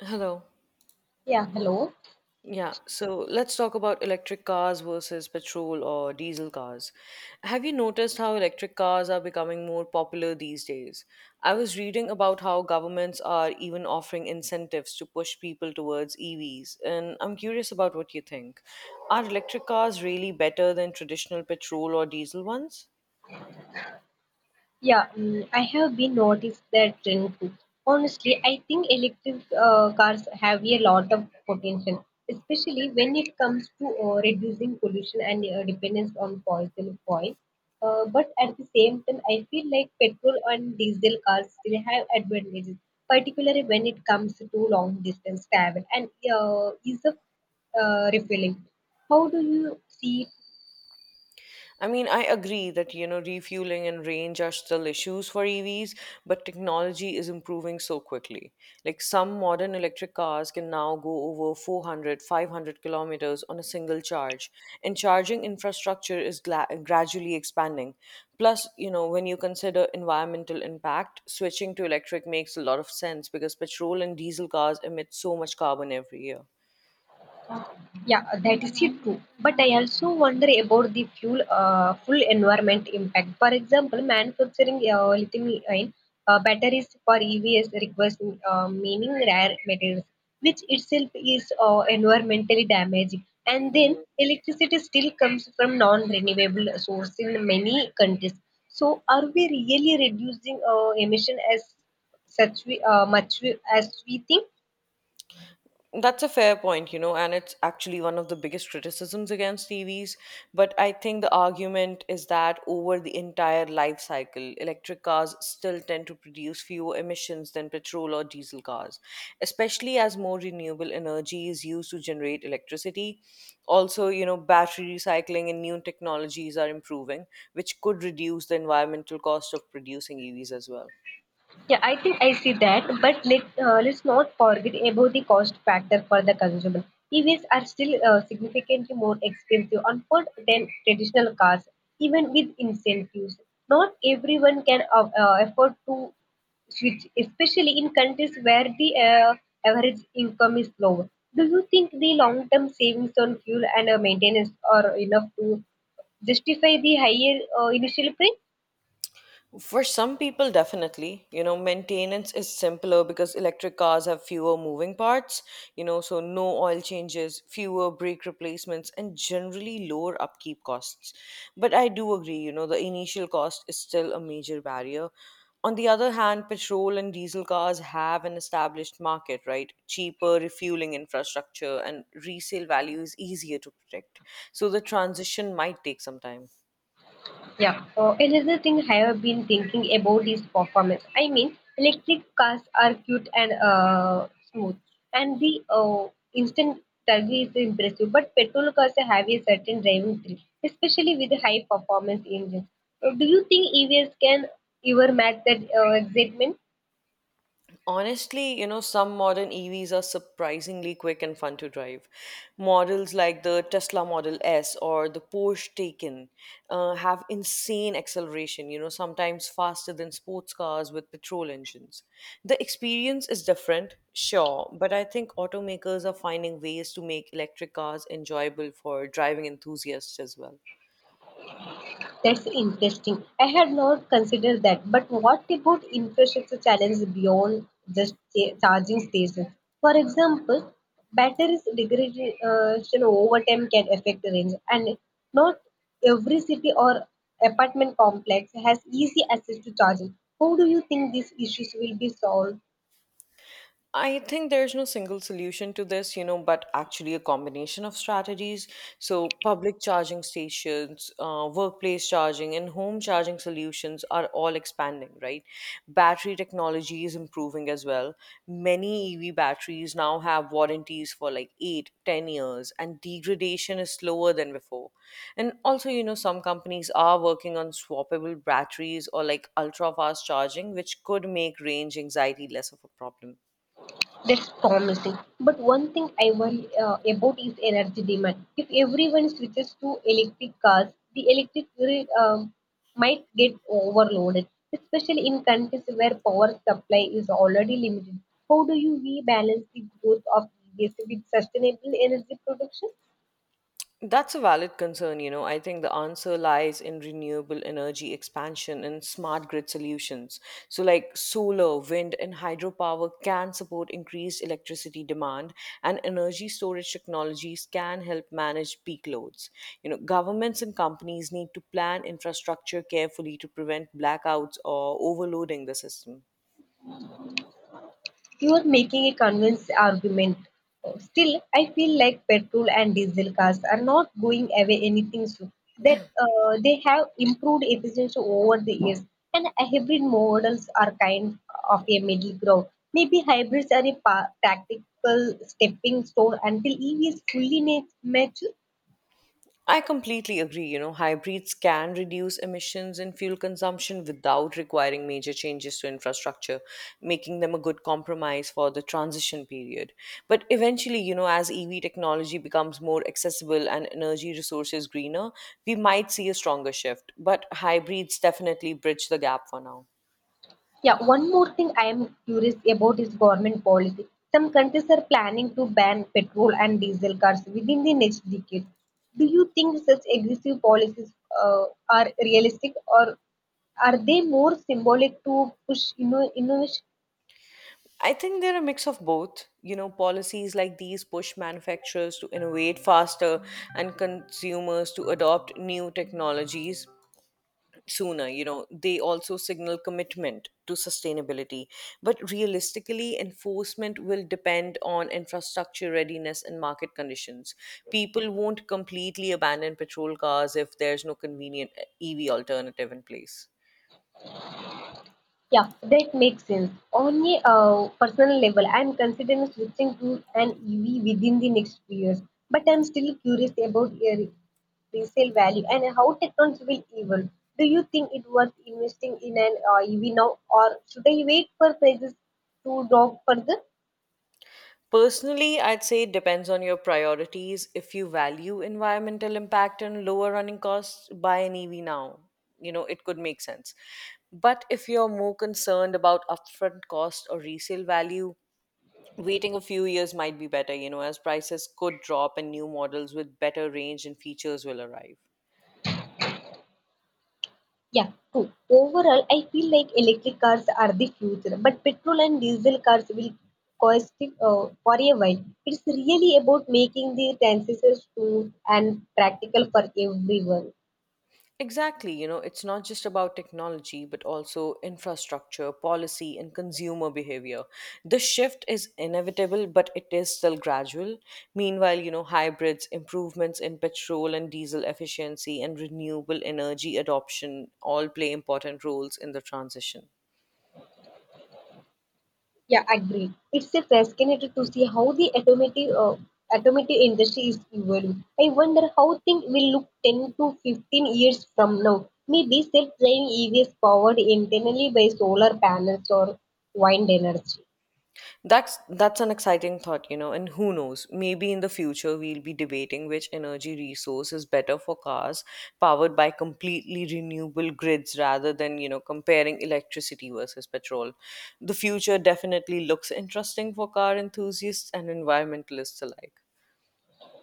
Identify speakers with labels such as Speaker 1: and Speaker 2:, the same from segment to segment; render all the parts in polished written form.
Speaker 1: Hello.
Speaker 2: Yeah, hello.
Speaker 1: Yeah, so let's talk about electric cars versus petrol or diesel cars. Have you noticed how electric cars are becoming more popular these days? I was reading about how governments are even offering incentives to push people towards EVs, and I'm curious about what you think. Are electric cars really better than traditional petrol or diesel ones?
Speaker 2: Yeah, I have been noticed that trend too. Honestly, I think electric cars have a lot of potential, especially when it comes to reducing pollution and dependence on fossil fuel. But at the same time, I feel like petrol and diesel cars still have advantages, particularly when it comes to long distance travel and ease of refueling. How do you see.
Speaker 1: I mean, I agree that, refueling and range are still issues for EVs, but technology is improving so quickly. Like some modern electric cars can now go over 400, 500 kilometers on a single charge, and charging infrastructure is gradually expanding. Plus, when you consider environmental impact, switching to electric makes a lot of sense because petrol and diesel cars emit so much carbon every year.
Speaker 2: Yeah, that is it too. But I also wonder about the full environment impact. For example, manufacturing lithium-ion batteries for EVs requires mining rare materials, which itself is environmentally damaging. And then electricity still comes from non-renewable source in many countries. So, are we really reducing emission as such we, much we, as we think?
Speaker 1: That's a fair point, and it's actually one of the biggest criticisms against TVs. But I think the argument is that over the entire life cycle, electric cars still tend to produce fewer emissions than petrol or diesel cars, especially as more renewable energy is used to generate electricity. Also, battery recycling and new technologies are improving, which could reduce the environmental cost of producing EVs as well.
Speaker 2: Yeah, I think I see that, but let's not forget about the cost factor for the consumer. EVs are still significantly more expensive on foot than traditional cars, even with incentives. Not everyone can afford to switch, especially in countries where the average income is lower. Do you think the long-term savings on fuel and maintenance are enough to justify the higher initial price?
Speaker 1: For some people, definitely. Maintenance is simpler because electric cars have fewer moving parts, so no oil changes, fewer brake replacements, and generally lower upkeep costs. But I do agree, the initial cost is still a major barrier. On the other hand, petrol and diesel cars have an established market, right? Cheaper refueling infrastructure and resale value is easier to predict. So the transition might take some time.
Speaker 2: Yeah. Another thing I have been thinking about is performance. I mean, electric cars are cute and smooth, and the instant turbo is impressive. But petrol cars have a certain driving thrill, especially with high performance engines. Do you think EVs can ever match that excitement?
Speaker 1: Honestly, some modern EVs are surprisingly quick and fun to drive. Models like the Tesla Model S or the Porsche Taycan have insane acceleration, sometimes faster than sports cars with petrol engines. The experience is different, sure, but I think automakers are finding ways to make electric cars enjoyable for driving enthusiasts as well.
Speaker 2: That's interesting. I had not considered that. But what about infrastructure challenges beyond just charging stations? For example, batteries degradation over time can affect range, and not every city or apartment complex has easy access to charging. How do you think these issues will be solved?
Speaker 1: I think there's no single solution to this, but actually a combination of strategies. So, public charging stations, workplace charging, and home charging solutions are all expanding, right? Battery technology is improving as well. Many EV batteries now have warranties for like eight, 10 years, and degradation is slower than before. And also, some companies are working on swappable batteries or like ultra fast charging, which could make range anxiety less of a problem.
Speaker 2: That's promising. But one thing I worry about is energy demand. If everyone switches to electric cars, the electric grid might get overloaded, especially in countries where power supply is already limited. How do you we balance the growth of EVs with sustainable energy production?
Speaker 1: That's a valid concern. I think the answer lies in renewable energy expansion and smart grid solutions. So, like solar, wind, and hydropower can support increased electricity demand, and energy storage technologies can help manage peak loads. Governments and companies need to plan infrastructure carefully to prevent blackouts or overloading the system.
Speaker 2: You are making a convinced argument. Still, I feel like petrol and diesel cars are not going away anything soon. That they have improved efficiency over the years, and hybrid models are kind of a middle ground. Maybe hybrids are a tactical stepping stone until EV is fully mature.
Speaker 1: I completely agree. Hybrids can reduce emissions and fuel consumption without requiring major changes to infrastructure, making them a good compromise for the transition period. But eventually, as EV technology becomes more accessible and energy resources greener, we might see a stronger shift. But hybrids definitely bridge the gap for now.
Speaker 2: Yeah, one more thing I am curious about is government policy. Some countries are planning to ban petrol and diesel cars within the next decade. Do you think such aggressive policies uh, are realistic or are they more symbolic to push innovation?
Speaker 1: I think they're a mix of both. Policies like these push manufacturers to innovate faster and consumers to adopt new technologies sooner. They also signal commitment to sustainability, but realistically enforcement will depend on infrastructure readiness and market conditions. People won't completely abandon petrol cars if there's no convenient EV alternative in place.
Speaker 2: Yeah, that makes sense. On a personal level, I'm considering switching to an EV within the next few years, but I'm still curious about resale value and how technology will evolve. Do you think it worth investing in an EV now, or should I wait for prices to drop further?
Speaker 1: Personally, I'd say it depends on your priorities. If you value environmental impact and lower running costs, buy an EV now. It could make sense. But if you're more concerned about upfront cost or resale value, waiting a few years might be better, as prices could drop and new models with better range and features will arrive.
Speaker 2: Yeah, true. Overall, I feel like electric cars are the future, but petrol and diesel cars will cost for a while. It's really about making the transition smooth and practical for everyone.
Speaker 1: Exactly, it's not just about technology, but also infrastructure, policy, and consumer behavior. The shift is inevitable, but it is still gradual. Meanwhile, hybrids, improvements in petrol and diesel efficiency, and renewable energy adoption all play important roles in the transition.
Speaker 2: Yeah, agreed. It's a fascinating to see how the automotive industry is evolving. I wonder how things will look 10 to 15 years from now. Maybe self-driving EVs powered internally by solar panels or wind energy.
Speaker 1: That's an exciting thought, and who knows, maybe in the future we'll be debating which energy resource is better for cars powered by completely renewable grids rather than, comparing electricity versus petrol. The future definitely looks interesting for car enthusiasts and environmentalists alike.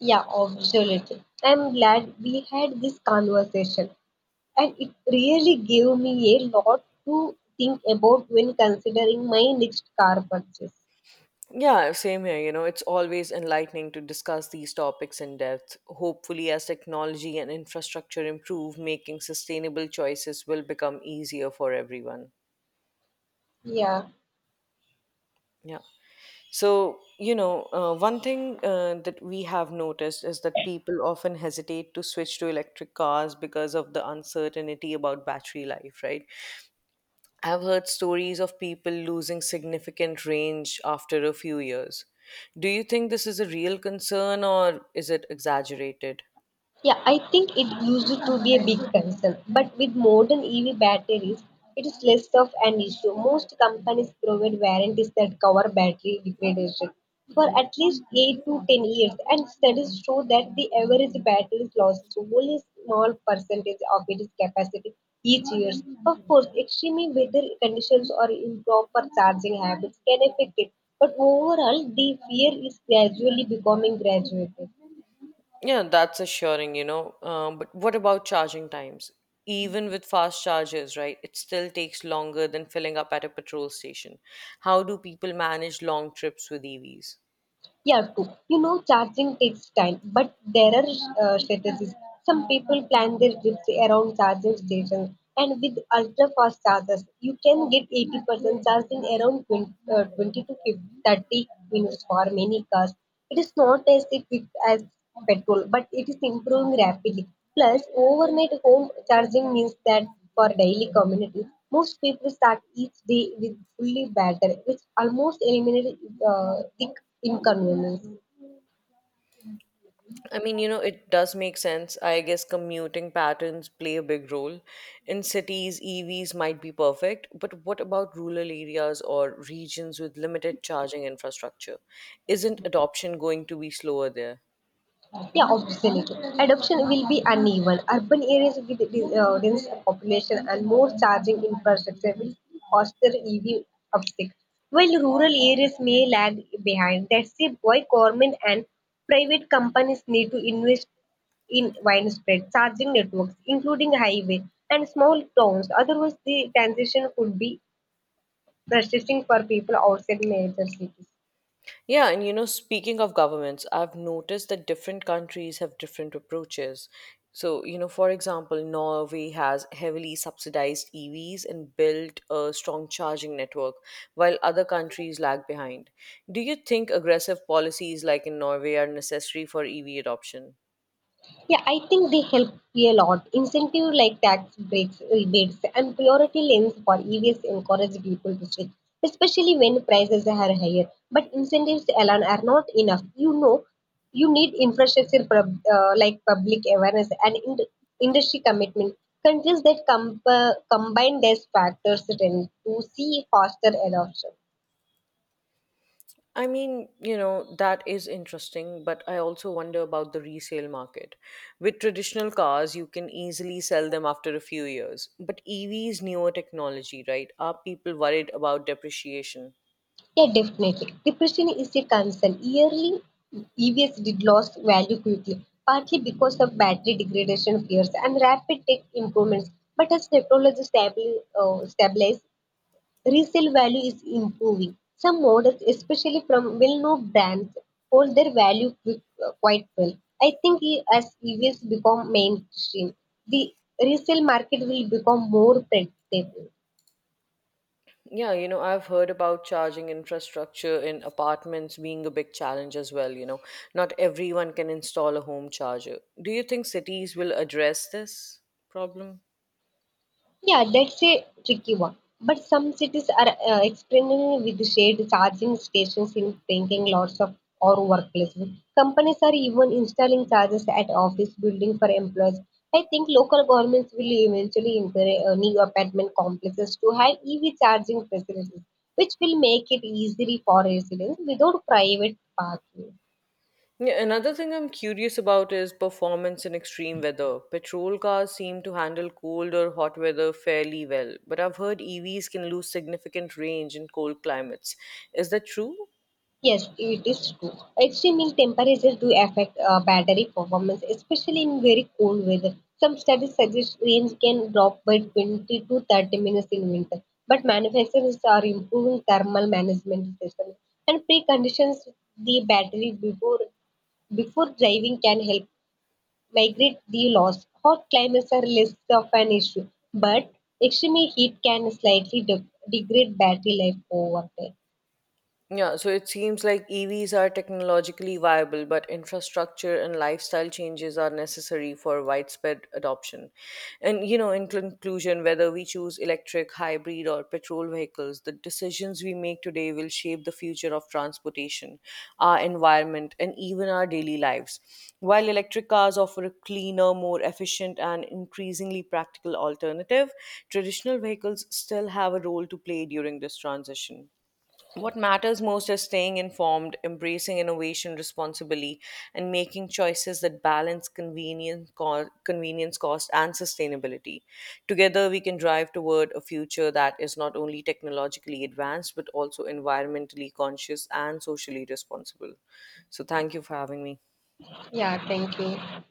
Speaker 2: Yeah, absolutely. I'm glad we had this conversation, and it really gave me a lot to think about when considering my next car purchase.
Speaker 1: Yeah, same here. It's always enlightening to discuss these topics in depth. Hopefully, as technology and infrastructure improve, making sustainable choices will become easier for everyone.
Speaker 2: Yeah.
Speaker 1: Yeah. So, one thing that we have noticed is that people often hesitate to switch to electric cars because of the uncertainty about battery life, right? I've heard stories of people losing significant range after a few years. Do you think this is a real concern or is it exaggerated?
Speaker 2: Yeah, I think it used to be a big concern, but with modern EV batteries, it is less of an issue. Most companies provide warranties that cover battery degradation for at least 8 to 10 years, and studies show that the average battery loses only a small percentage of its capacity each year. Of course, extreme weather conditions or improper charging habits can affect it, but overall, the fear is gradually becoming graduated.
Speaker 1: Yeah, that's assuring, But what about charging times? Even with fast chargers, right, it still takes longer than filling up at a petrol station. How do people manage long trips with EVs?
Speaker 2: Yeah, too. Charging takes time, but there are strategies. Some people plan their trips around charging stations, and with ultra fast chargers, you can get 80% charged in around 20 to 50 30 minutes for many cars. It is not as quick as petrol, but it is improving rapidly. Plus, overnight home charging means that for daily communities, most people start each day with fully battery, which almost eliminates the inconvenience.
Speaker 1: I mean, it does make sense. I guess commuting patterns play a big role. In cities, EVs might be perfect, but what about rural areas or regions with limited charging infrastructure? Isn't adoption going to be slower there?
Speaker 2: Yeah, obviously. Adoption will be uneven. Urban areas with dense population and more charging infrastructure will foster EV uptick, while rural areas may lag behind. That's it why government and private companies need to invest in widespread charging networks, including highway and small towns. Otherwise, the transition could be frustrating for people outside major cities.
Speaker 1: Yeah, and speaking of governments, I've noticed that different countries have different approaches. So, for example, Norway has heavily subsidized EVs and built a strong charging network, while other countries lag behind. Do you think aggressive policies like in Norway are necessary for EV adoption?
Speaker 2: Yeah, I think they help a lot. Incentive like tax breaks, rebates, and priority lanes for EVs encourage people to switch, especially when prices are higher. But incentives alone are not enough. You need infrastructure like public awareness and industry commitment. Countries that combine these factors tend to see faster adoption.
Speaker 1: I mean, that is interesting, but I also wonder about the resale market. With traditional cars, you can easily sell them after a few years, but EVs, newer technology, right? Are people worried about depreciation?
Speaker 2: Yeah, definitely. Depression is a concern. Yearly, EVs did lost value quickly, partly because of battery degradation fears and rapid tech improvements. But as technology stabilizes, resale value is improving. Some models, especially from well-known brands, hold their value quite well. I think as EVs become mainstream, the resale market will become more predictable.
Speaker 1: Yeah, I've heard about charging infrastructure in apartments being a big challenge as well. Not everyone can install a home charger. Do you think cities will address this problem?
Speaker 2: Yeah, that's a tricky one. But some cities are experimenting with shared charging stations in thinking lots of or workplaces. Companies are even installing chargers at office building for employees. I think local governments will eventually encourage new apartment complexes to have EV charging facilities, which will make it easier for residents without private parking.
Speaker 1: Yeah, another thing I'm curious about is performance in extreme weather. Petrol cars seem to handle cold or hot weather fairly well, but I've heard EVs can lose significant range in cold climates. Is that true?
Speaker 2: Yes, it is true. Extreme temperatures do affect battery performance, especially in very cold weather. Some studies suggest range can drop by 20 to 30 minutes in winter, but manufacturers are improving thermal management systems and preconditions the battery before driving can help migrate the loss. Hot climates are less of an issue, but extreme heat can slightly degrade battery life over time.
Speaker 1: Yeah, so it seems like EVs are technologically viable, but infrastructure and lifestyle changes are necessary for widespread adoption. And, in conclusion, whether we choose electric, hybrid, or petrol vehicles, the decisions we make today will shape the future of transportation, our environment, and even our daily lives. While electric cars offer a cleaner, more efficient, and increasingly practical alternative, traditional vehicles still have a role to play during this transition. What matters most is staying informed, embracing innovation responsibly, and making choices that balance convenience, convenience cost, and sustainability. Together, we can drive toward a future that is not only technologically advanced, but also environmentally conscious and socially responsible. So, thank you for having me.
Speaker 2: Yeah, thank you.